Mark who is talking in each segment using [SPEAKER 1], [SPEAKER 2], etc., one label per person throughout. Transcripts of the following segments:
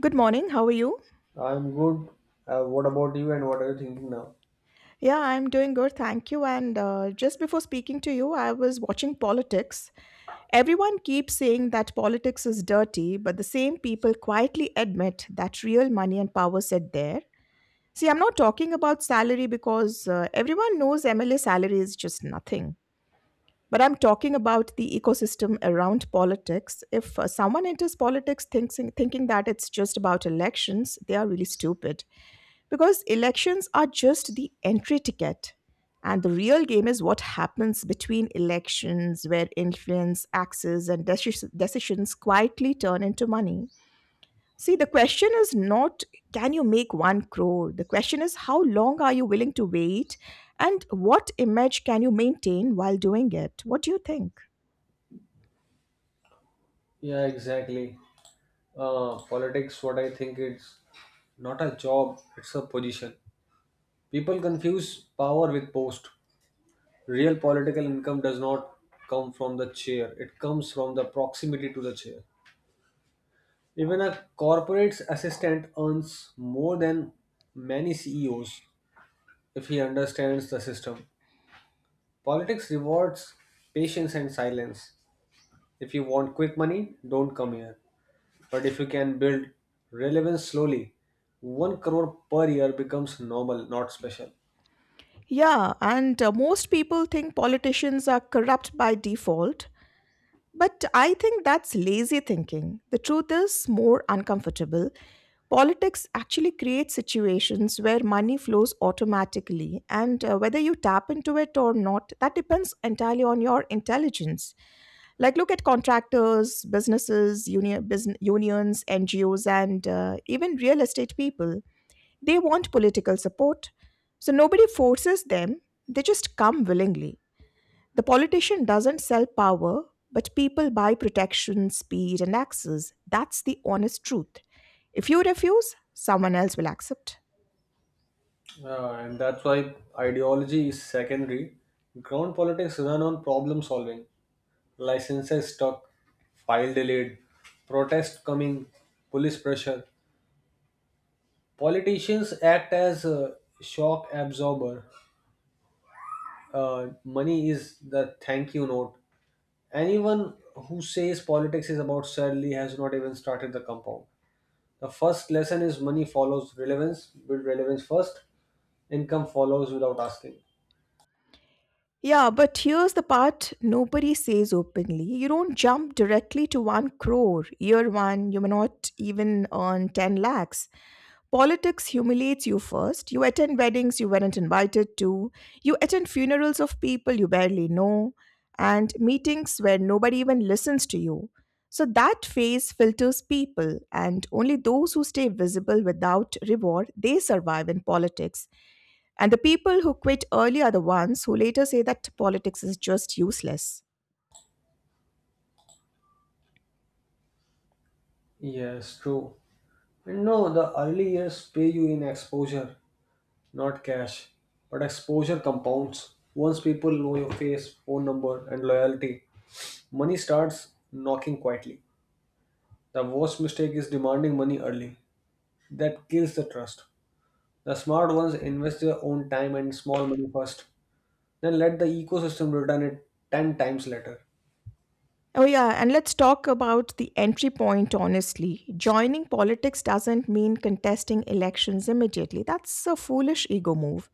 [SPEAKER 1] Good morning. How are you?
[SPEAKER 2] I'm good. What about you, and what are you thinking now?
[SPEAKER 1] Yeah, I'm doing good. Thank you. And Just before speaking to you, I was watching politics. Everyone keeps saying that politics is dirty, but the same people quietly admit that real money and power sit there. See, I'm not talking about salary because everyone knows MLA salary is just nothing. But I'm talking about the ecosystem around politics. If someone enters thinking that it's just about elections, they are really stupid. Because elections are just the entry ticket. And the real game is what happens between elections, where influence, access, and decisions quietly turn into money. See, the question is not, can you make one crore? The question is, how long are you willing to wait and what image can you maintain while doing it? What do you think?
[SPEAKER 2] Yeah, exactly. Politics, what I think, it's not a job, it's a position. People confuse power with post. Real political income does not come from the chair, it comes from the proximity to the chair. Even a corporate's assistant earns more than many CEOs if he understands the system. Politics rewards patience and silence. If you want quick money, don't come here. But if you can build relevance slowly, 1 crore per year becomes normal, not special.
[SPEAKER 1] Yeah, and Most people think politicians are corrupt by default, but I think that's lazy thinking. The truth is more uncomfortable. Politics actually creates situations where money flows automatically, and whether you tap into it or not, that depends entirely on your intelligence. Like, look at contractors, businesses, unions, NGOs, and even real estate people. They want political support. So nobody forces them, they just come willingly. The politician doesn't sell power, but people buy protection, speed, and access. That's the honest truth. If you refuse, someone else will accept.
[SPEAKER 2] And that's why ideology is secondary. Ground politics run on problem solving, licenses stuck, file delayed, protest coming, police pressure. Politicians act as a shock absorber. Money is the thank you note. Anyone who says politics is about sadly has not even started the compound. The first lesson is money follows relevance. Build relevance first, income follows without asking.
[SPEAKER 1] Yeah, but here's the part nobody says openly. You don't jump directly to 1 crore. Year 1, you may not even earn 10 lakhs. Politics humiliates you first. You attend weddings you weren't invited to. You attend funerals of people you barely know, and meetings where nobody even listens to you. So that phase filters people, and only those who stay visible without reward they survive in politics. And the people who quit early are the ones who later say that politics is just useless.
[SPEAKER 2] Yes, true. And no, the early years pay you in exposure, not cash. But exposure compounds. Once people know your face, phone number, and loyalty, money starts knocking quietly. The worst mistake is demanding money early. That kills the trust. The smart ones invest their own time and small money first, then let the ecosystem return it 10 times later.
[SPEAKER 1] Oh, yeah, and let's talk about the entry point honestly. Joining politics doesn't mean contesting elections immediately. That's a foolish ego move.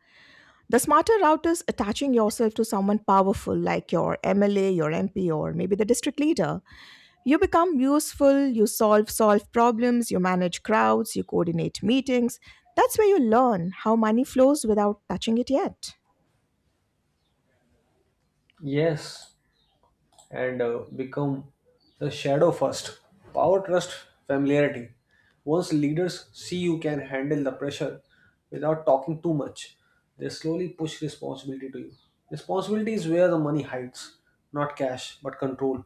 [SPEAKER 1] The smarter route is attaching yourself to someone powerful like your MLA, your MP, or maybe the district leader. You become useful, you solve problems, you manage crowds, you coordinate meetings. That's where you learn how money flows without touching it yet.
[SPEAKER 2] Yes, and become the shadow first. Power trust familiarity. Once leaders see you can handle the pressure without talking too much, they slowly push responsibility to you. Responsibility is where the money hides, not cash, but control.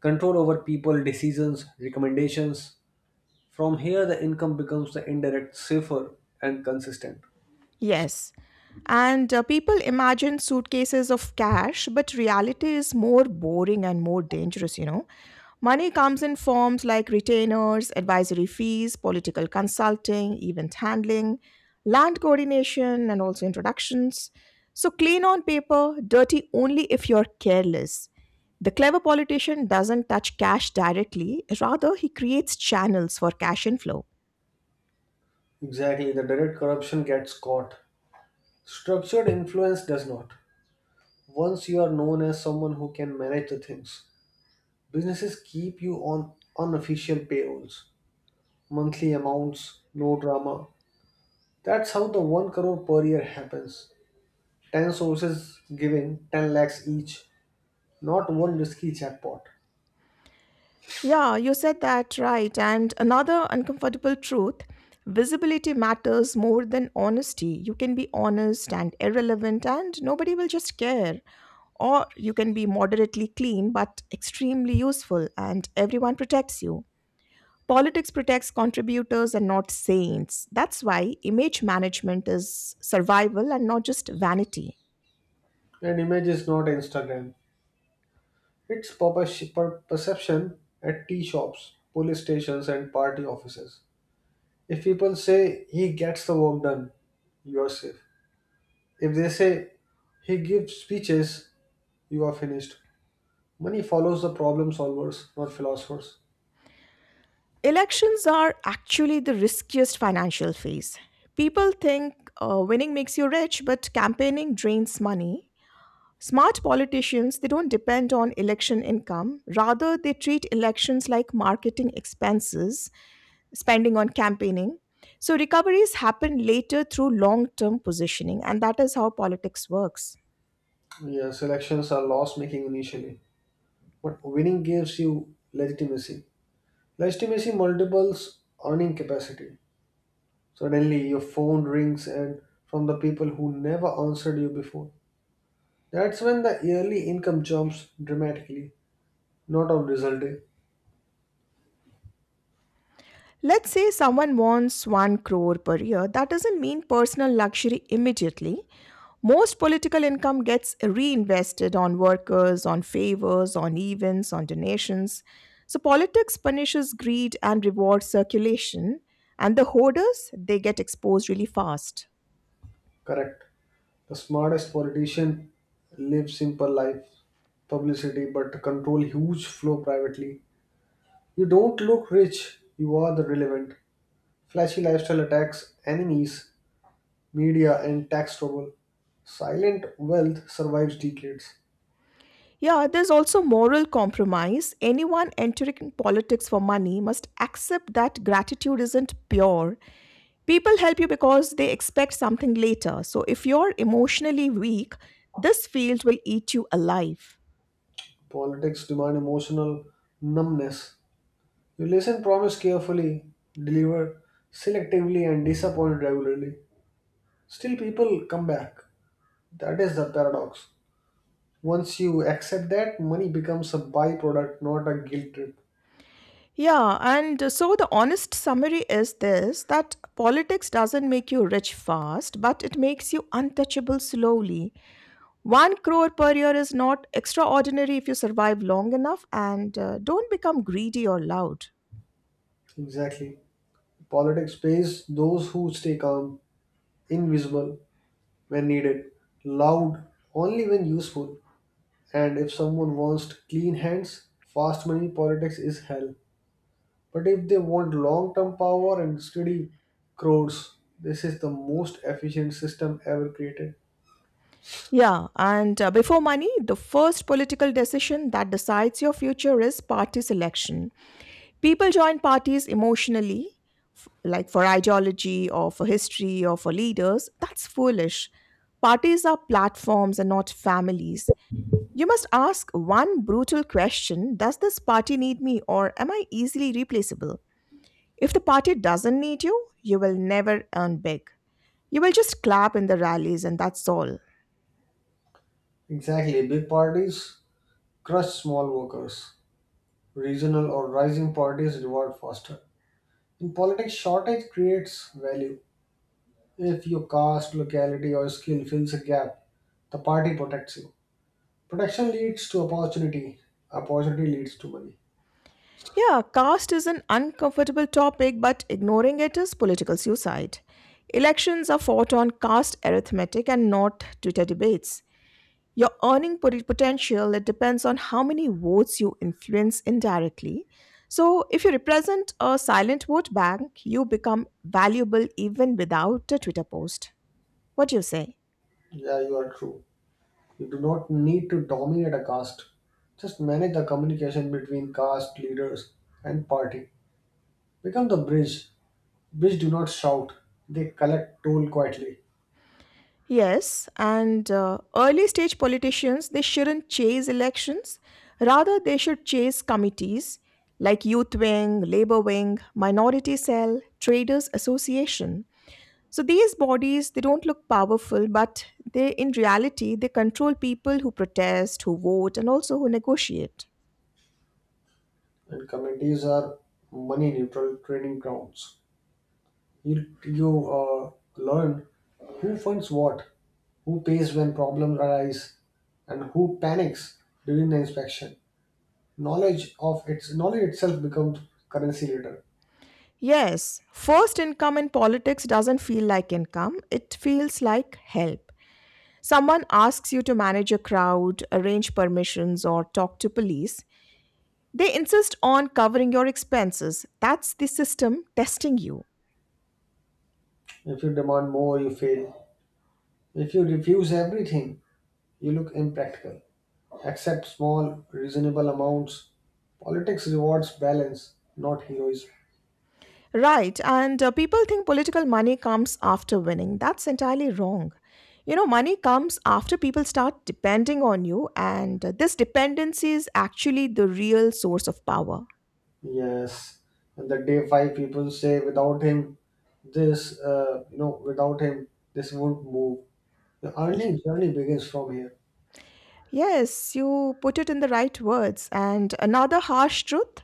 [SPEAKER 2] Control over people, decisions, recommendations. From here, the income becomes the indirect, safer, and consistent.
[SPEAKER 1] Yes. And people imagine suitcases of cash, but reality is more boring and more dangerous, you know. Money comes in forms like retainers, advisory fees, political consulting, event handling, land coordination, and also introductions. So, clean on paper, dirty only if you're careless. The clever politician doesn't touch cash directly, rather, he creates channels for cash inflow.
[SPEAKER 2] Exactly, the direct corruption gets caught. Structured influence does not. Once you are known as someone who can manage the things, businesses keep you on unofficial payrolls, monthly amounts, no drama. That's how the 1 crore per year happens. 10 sources giving 10 lakhs each, not one risky jackpot.
[SPEAKER 1] Yeah, you said that right. And another uncomfortable truth, visibility matters more than honesty. You can be honest and irrelevant, and nobody will just care. Or you can be moderately clean but extremely useful, and everyone protects you. Politics protects contributors and not saints. That's why image management is survival and not just vanity.
[SPEAKER 2] An image is not Instagram. It's perception at tea shops, police stations, and party offices. If people say he gets the work done, you are safe. If they say he gives speeches, you are finished. Money follows the problem solvers, not philosophers.
[SPEAKER 1] Elections are actually the riskiest financial phase. People think winning makes you rich, but campaigning drains money. Smart politicians, they don't depend on election income. Rather, they treat elections like marketing expenses, spending on campaigning. So recoveries happen later through long-term positioning, and that is how politics works.
[SPEAKER 2] Yes, elections are loss making initially, but winning gives you legitimacy. Legitimacy multiples earning capacity. Suddenly, your phone rings and from the people who never answered you before. That's when the yearly income jumps dramatically, not on result day.
[SPEAKER 1] Let's say someone wants 1 crore per year, that doesn't mean personal luxury immediately. Most political income gets reinvested on workers, on favors, on events, on donations. So politics punishes greed and rewards circulation, and the hoarders, they get exposed really fast.
[SPEAKER 2] Correct. The smartest politician live simple life, publicity, but control huge flow privately. You don't look rich, you are the relevant. Flashy lifestyle attacks enemies, media, and tax trouble. Silent wealth survives decades.
[SPEAKER 1] Yeah, there's also moral compromise. Anyone entering politics for money must accept that gratitude isn't pure. People help you because they expect something later. So if you're emotionally weak, this field will eat you alive.
[SPEAKER 2] Politics demand emotional numbness. You listen, promise carefully, deliver selectively, and disappoint regularly. Still, people come back. That is the paradox. Once you accept that, money becomes a byproduct, not a guilt trip.
[SPEAKER 1] Yeah, and So the honest summary is this, that politics doesn't make you rich fast, but it makes you untouchable slowly. One crore per year is not extraordinary if you survive long enough and don't become greedy or loud.
[SPEAKER 2] Exactly. Politics pays those who stay calm, invisible, when needed, loud only when useful, and if someone wants clean hands, fast money politics is hell. But if they want long term power and steady crores, this is the most efficient system ever created.
[SPEAKER 1] Yeah, and Before money, the first political decision that decides your future is party selection. People join parties emotionally, like for ideology or for history or for leaders. That's foolish. Parties are platforms and not families. You must ask one brutal question, does this party need me or am I easily replaceable? If the party doesn't need you, you will never earn big. You will just clap in the rallies and that's all.
[SPEAKER 2] Exactly, big parties crush small workers. Regional or rising parties reward faster. In politics, shortage creates value. If your caste, locality, or skill fills a gap, the party protects you. Protection leads to opportunity. Opportunity leads to money.
[SPEAKER 1] Yeah, caste is an uncomfortable topic, but ignoring it is political suicide. Elections are fought on caste arithmetic and not Twitter debates. Your earning potential it depends on how many votes you influence indirectly. So, if you represent a silent vote bank, you become valuable even without a Twitter post. What do you say?
[SPEAKER 2] Yeah, you are true. You do not need to dominate a caste. Just manage the communication between caste leaders and party. Become the bridge. Bridge do not shout. They collect toll quietly.
[SPEAKER 1] Yes, and early stage politicians they shouldn't chase elections. Rather, they should chase committees like youth wing, labor wing, minority cell, traders association. So these bodies they don't look powerful, but they in reality they control people who protest, who vote, and also who negotiate.
[SPEAKER 2] And committees are money neutral training grounds. You uh, learn who funds what, who pays when problems arise, and who panics during the inspection. Knowledge of its knowledge itself becomes currency later.
[SPEAKER 1] Yes, first income in politics doesn't feel like income, it feels like help. Someone asks you to manage a crowd, arrange permissions, or talk to police. They insist on covering your expenses. That's the system testing you.
[SPEAKER 2] If you demand more you fail, if you refuse everything you look impractical. Accept small reasonable amounts. Politics rewards balance, not heroism.
[SPEAKER 1] Right, and people think political money comes after winning. That's entirely wrong. You know, money comes after people start depending on you, and this dependency is actually the real source of power.
[SPEAKER 2] Yes, and the day 5 people say without him, this, without him this won't move, the earning journey begins from here.
[SPEAKER 1] Yes, you put it in the right words. And another harsh truth,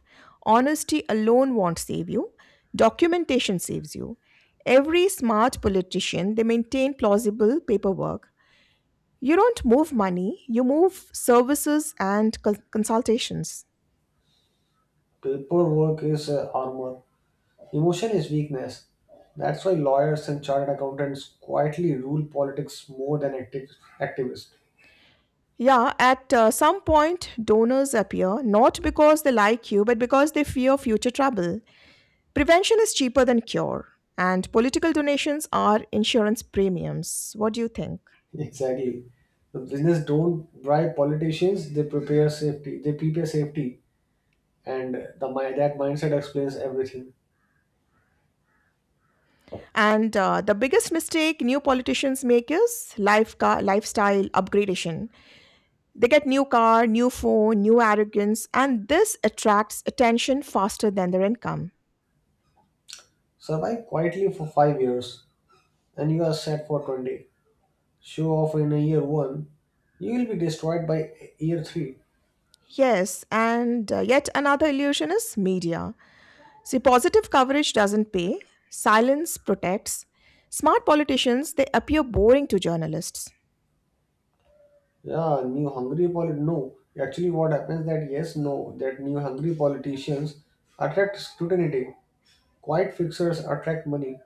[SPEAKER 1] honesty alone won't save you, documentation saves you. Every smart politician, they maintain plausible paperwork. You don't move money, you move services and consultations.
[SPEAKER 2] Paperwork is armor. Emotion is weakness. That's why lawyers and chartered accountants quietly rule politics more than activists.
[SPEAKER 1] Yeah, at some point, donors appear not because they like you, but because they fear future trouble. Prevention is cheaper than cure, and political donations are insurance premiums. What do you think?
[SPEAKER 2] Exactly. The business don't bribe politicians, they prepare safety. They prepare safety. And that mindset explains everything.
[SPEAKER 1] And the biggest mistake new politicians make is lifestyle upgradation. They get new car, new phone, new arrogance, and this attracts attention faster than their income.
[SPEAKER 2] Survive quietly for 5 years and you are set for 20. Show off in a year 1, you will be destroyed by year 3.
[SPEAKER 1] Yes, and yet another illusion is media. See, positive coverage doesn't pay, silence protects. Smart politicians, they appear boring to journalists.
[SPEAKER 2] Yeah, new hungry polit. No, actually, what happens that yes, no, that new hungry politicians attract scrutiny. Quiet fixers attract money,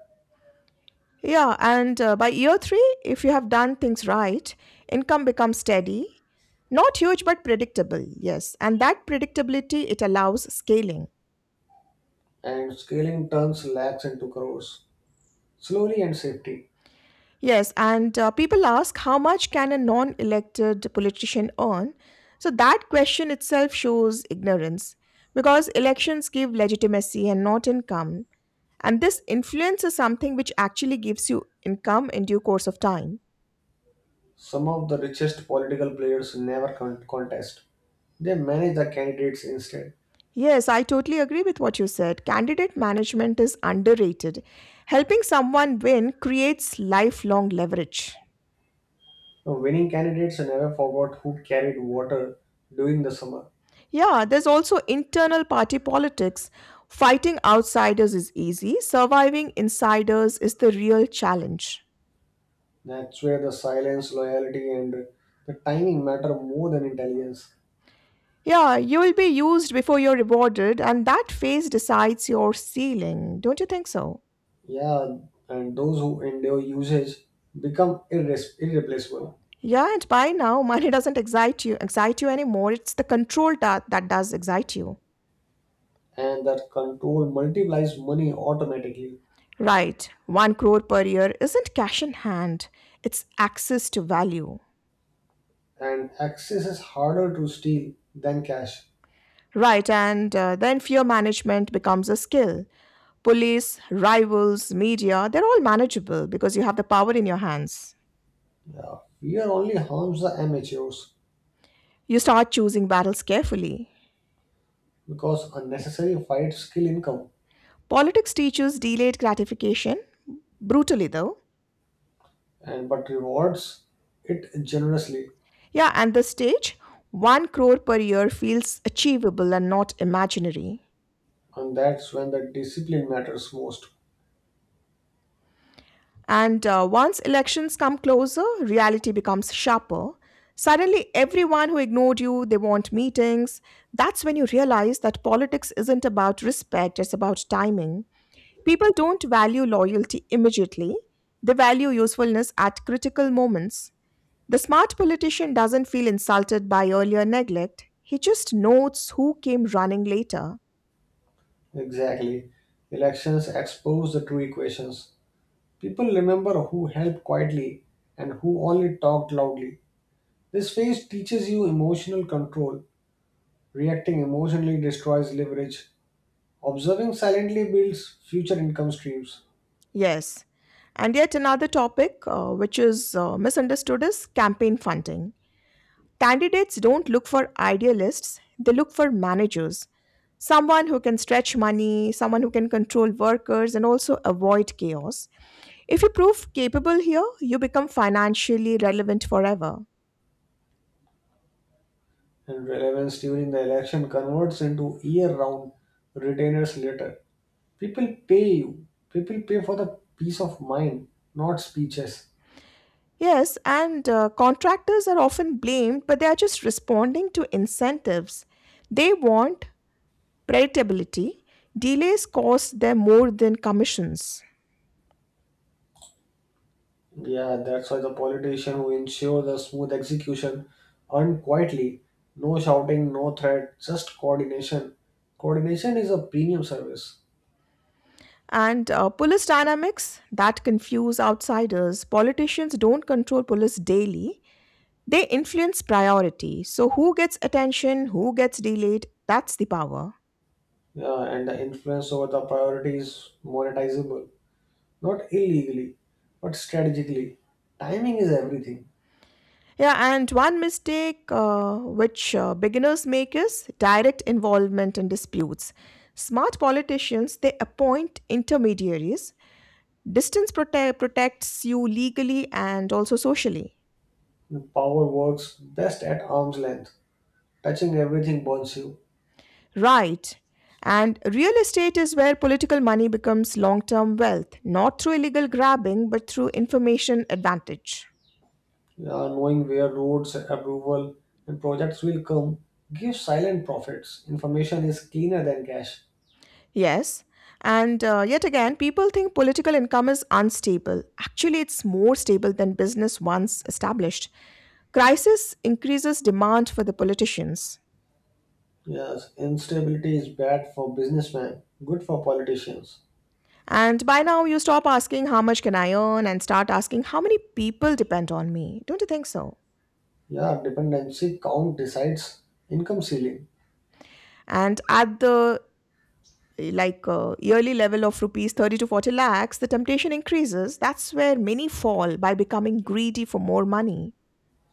[SPEAKER 1] Yeah, and by year three, if you have done things right, income becomes steady, not huge but predictable. Yes, and that predictability it allows scaling.
[SPEAKER 2] and scaling turns lakhs into crores. Slowly and safety.
[SPEAKER 1] Yes, and people ask, how much can a non-elected politician earn? So that question itself shows ignorance because elections give legitimacy and not income, and this influence is something which actually gives you income in due course of time.
[SPEAKER 2] Some of the richest political players never contest. They manage the candidates instead.
[SPEAKER 1] Yes, I totally agree with what you said. Candidate management is underrated. Helping someone win creates lifelong leverage.
[SPEAKER 2] The winning candidates never forgot who carried water during the summer.
[SPEAKER 1] Yeah, there's also internal party politics. Fighting outsiders is easy, surviving insiders is the real challenge.
[SPEAKER 2] That's where the silence, loyalty, and the timing matter more than intelligence.
[SPEAKER 1] Yeah, you will be used before you're rewarded, and that phase decides your ceiling. Don't you think so?
[SPEAKER 2] Yeah, and those who endure usage become irreplaceable,
[SPEAKER 1] Yeah, and by now, money doesn't excite you anymore. It's the control that does excite you.
[SPEAKER 2] and that control multiplies money automatically,
[SPEAKER 1] Right, 1 crore per year isn't cash in hand, it's access to value.
[SPEAKER 2] and access is harder to steal than cash.
[SPEAKER 1] Right, and then fear management becomes a skill. Police, rivals, media, they're all manageable because you have the power in your hands.
[SPEAKER 2] Yeah, fear only harms the amateurs
[SPEAKER 1] You start choosing battles carefully.
[SPEAKER 2] because unnecessary fights kill income,
[SPEAKER 1] Politics teaches delayed gratification, brutally though.
[SPEAKER 2] and but rewards it generously,
[SPEAKER 1] Yeah, and the stage, 1 crore per year feels achievable and not imaginary.
[SPEAKER 2] and that's when the discipline matters most.
[SPEAKER 1] And once elections come closer, reality becomes sharper. Suddenly, everyone who ignored you, they want meetings. That's when you realize that politics isn't about respect, it's about timing. People don't value loyalty immediately, they value usefulness at critical moments. The smart politician doesn't feel insulted by earlier neglect, he just notes who came running later.
[SPEAKER 2] Exactly, elections expose the true equations. People remember who helped quietly and who only talked loudly. This phase teaches you emotional control. Reacting emotionally destroys leverage. Observing silently builds future income streams,
[SPEAKER 1] Yes. And yet, another topic which is misunderstood is campaign funding. Candidates don't look for idealists, they look for managers. Someone who can stretch money, someone who can control workers and also avoid chaos. If you prove capable here, you become financially relevant forever.
[SPEAKER 2] and relevance during the election converts into year round retainers later. People pay you. People pay for the peace of mind, not speeches.
[SPEAKER 1] Yes, and contractors are often blamed, but they are just responding to incentives. They want predictability. Delays cost them more than commissions.
[SPEAKER 2] Yeah, that's why the politician who ensure the smooth execution earn quietly, no shouting, no threat, just coordination. Coordination is a premium service,
[SPEAKER 1] And police dynamics that confuse outsiders. Politicians don't control police daily, they influence priority. So, who gets attention, who gets delayed, that's the power.
[SPEAKER 2] yeah, and the influence over the priority is monetizable, not illegally, but strategically. Timing is everything.
[SPEAKER 1] Yeah, and one mistake which beginners make is direct involvement in disputes. Smart politicians they appoint intermediaries. Protects you legally and also socially.
[SPEAKER 2] Power works best at arm's length. Touching everything burns you.
[SPEAKER 1] Right. And real estate is where political money becomes long term wealth, not through illegal grabbing, but through information advantage.
[SPEAKER 2] Yeah, knowing where roads, approval, and projects will come gives silent profits. Information is cleaner than cash.
[SPEAKER 1] Yes. And yet again, people think political income is unstable. Actually, it's more stable than business once established. Crisis increases demand for the politicians.
[SPEAKER 2] Yes, instability is bad for businessmen, good for politicians.
[SPEAKER 1] And by now, you stop asking, how much can I earn? And start asking, how many people depend on me? Don't you think so?
[SPEAKER 2] Yeah, dependency count decides income ceiling.
[SPEAKER 1] And at the yearly level of rupees 30 to 40 lakhs, the temptation increases. That's where many fall by becoming greedy for more money.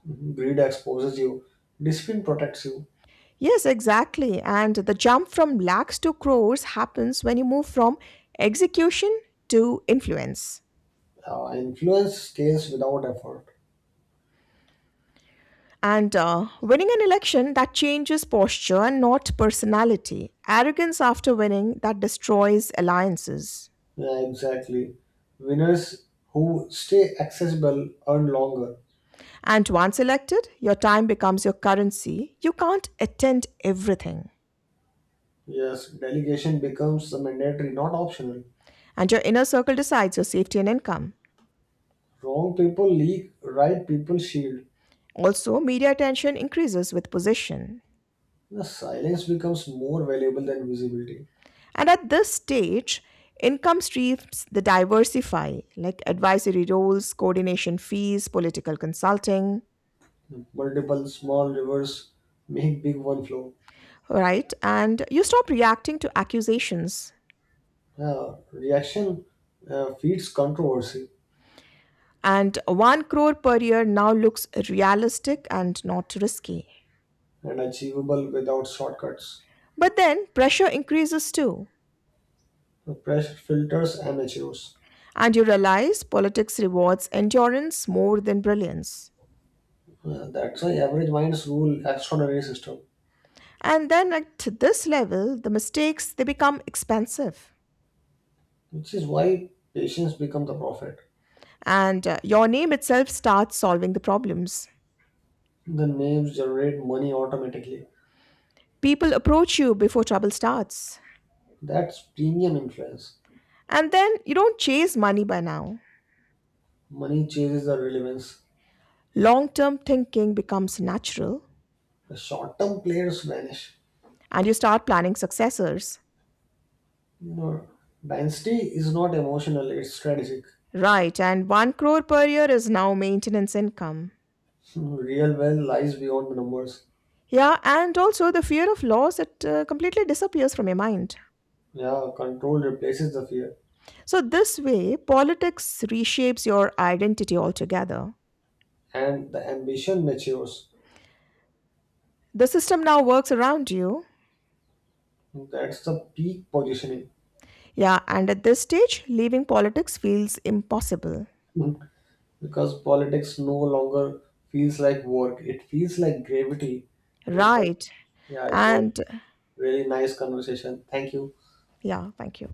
[SPEAKER 2] Mhm. Greed exposes you, discipline protects you.
[SPEAKER 1] Yes, exactly. And the jump from lakhs to crores happens when you move from execution to influence.
[SPEAKER 2] Influence scales without effort.
[SPEAKER 1] And winning an election that changes posture and not personality. Arrogance after winning that destroys alliances.
[SPEAKER 2] Yeah, exactly. Winners who stay accessible earn longer.
[SPEAKER 1] And once elected, your time becomes your currency. You can't attend everything.
[SPEAKER 2] Yes, delegation becomes the mandatory, not optional.
[SPEAKER 1] And your inner circle decides your safety and income.
[SPEAKER 2] Wrong people leak, right people shield.
[SPEAKER 1] Also, media attention increases with position.
[SPEAKER 2] The silence becomes more valuable than visibility.
[SPEAKER 1] And at this stage, income streams they diversify, like advisory roles, coordination fees, political consulting,
[SPEAKER 2] Multiple small rivers make big one flow.
[SPEAKER 1] right? And you stop reacting to accusations.
[SPEAKER 2] Reaction feeds controversy
[SPEAKER 1] And one crore per year now looks realistic and not risky.
[SPEAKER 2] and achievable without shortcuts.
[SPEAKER 1] But then pressure increases too,
[SPEAKER 2] Pressure filters amateurs.
[SPEAKER 1] and you realize politics rewards endurance more than brilliance.
[SPEAKER 2] That's why average minds rule extraordinary system,
[SPEAKER 1] And then at this level, the mistakes they become expensive,
[SPEAKER 2] which is why patients become the prophet.
[SPEAKER 1] and your name itself starts solving the problems.
[SPEAKER 2] The names generate money automatically.
[SPEAKER 1] People approach you before trouble starts,
[SPEAKER 2] That's premium influence.
[SPEAKER 1] and then you don't chase money by now.
[SPEAKER 2] Money chases the relevance.
[SPEAKER 1] Long term thinking becomes natural,
[SPEAKER 2] The short-term players vanish.
[SPEAKER 1] and you start planning successors.
[SPEAKER 2] You know, dynasty is not emotional; it's strategic.
[SPEAKER 1] Right, and 1 crore per year is now maintenance income.
[SPEAKER 2] Real wealth lies beyond the numbers.
[SPEAKER 1] Yeah, and also the fear of loss it completely disappears from your mind.
[SPEAKER 2] Yeah, control replaces the fear
[SPEAKER 1] So this way, politics reshapes your identity altogether.
[SPEAKER 2] and the ambition matures.
[SPEAKER 1] The system now works around you.
[SPEAKER 2] That's the peak positioning.
[SPEAKER 1] Yeah, and at this stage, leaving politics feels impossible.
[SPEAKER 2] Mm. Because politics no longer feels like work, it feels like gravity. And it was,
[SPEAKER 1] Right.
[SPEAKER 2] yeah, it was
[SPEAKER 1] And
[SPEAKER 2] really nice conversation. Thank you.
[SPEAKER 1] yeah, thank you.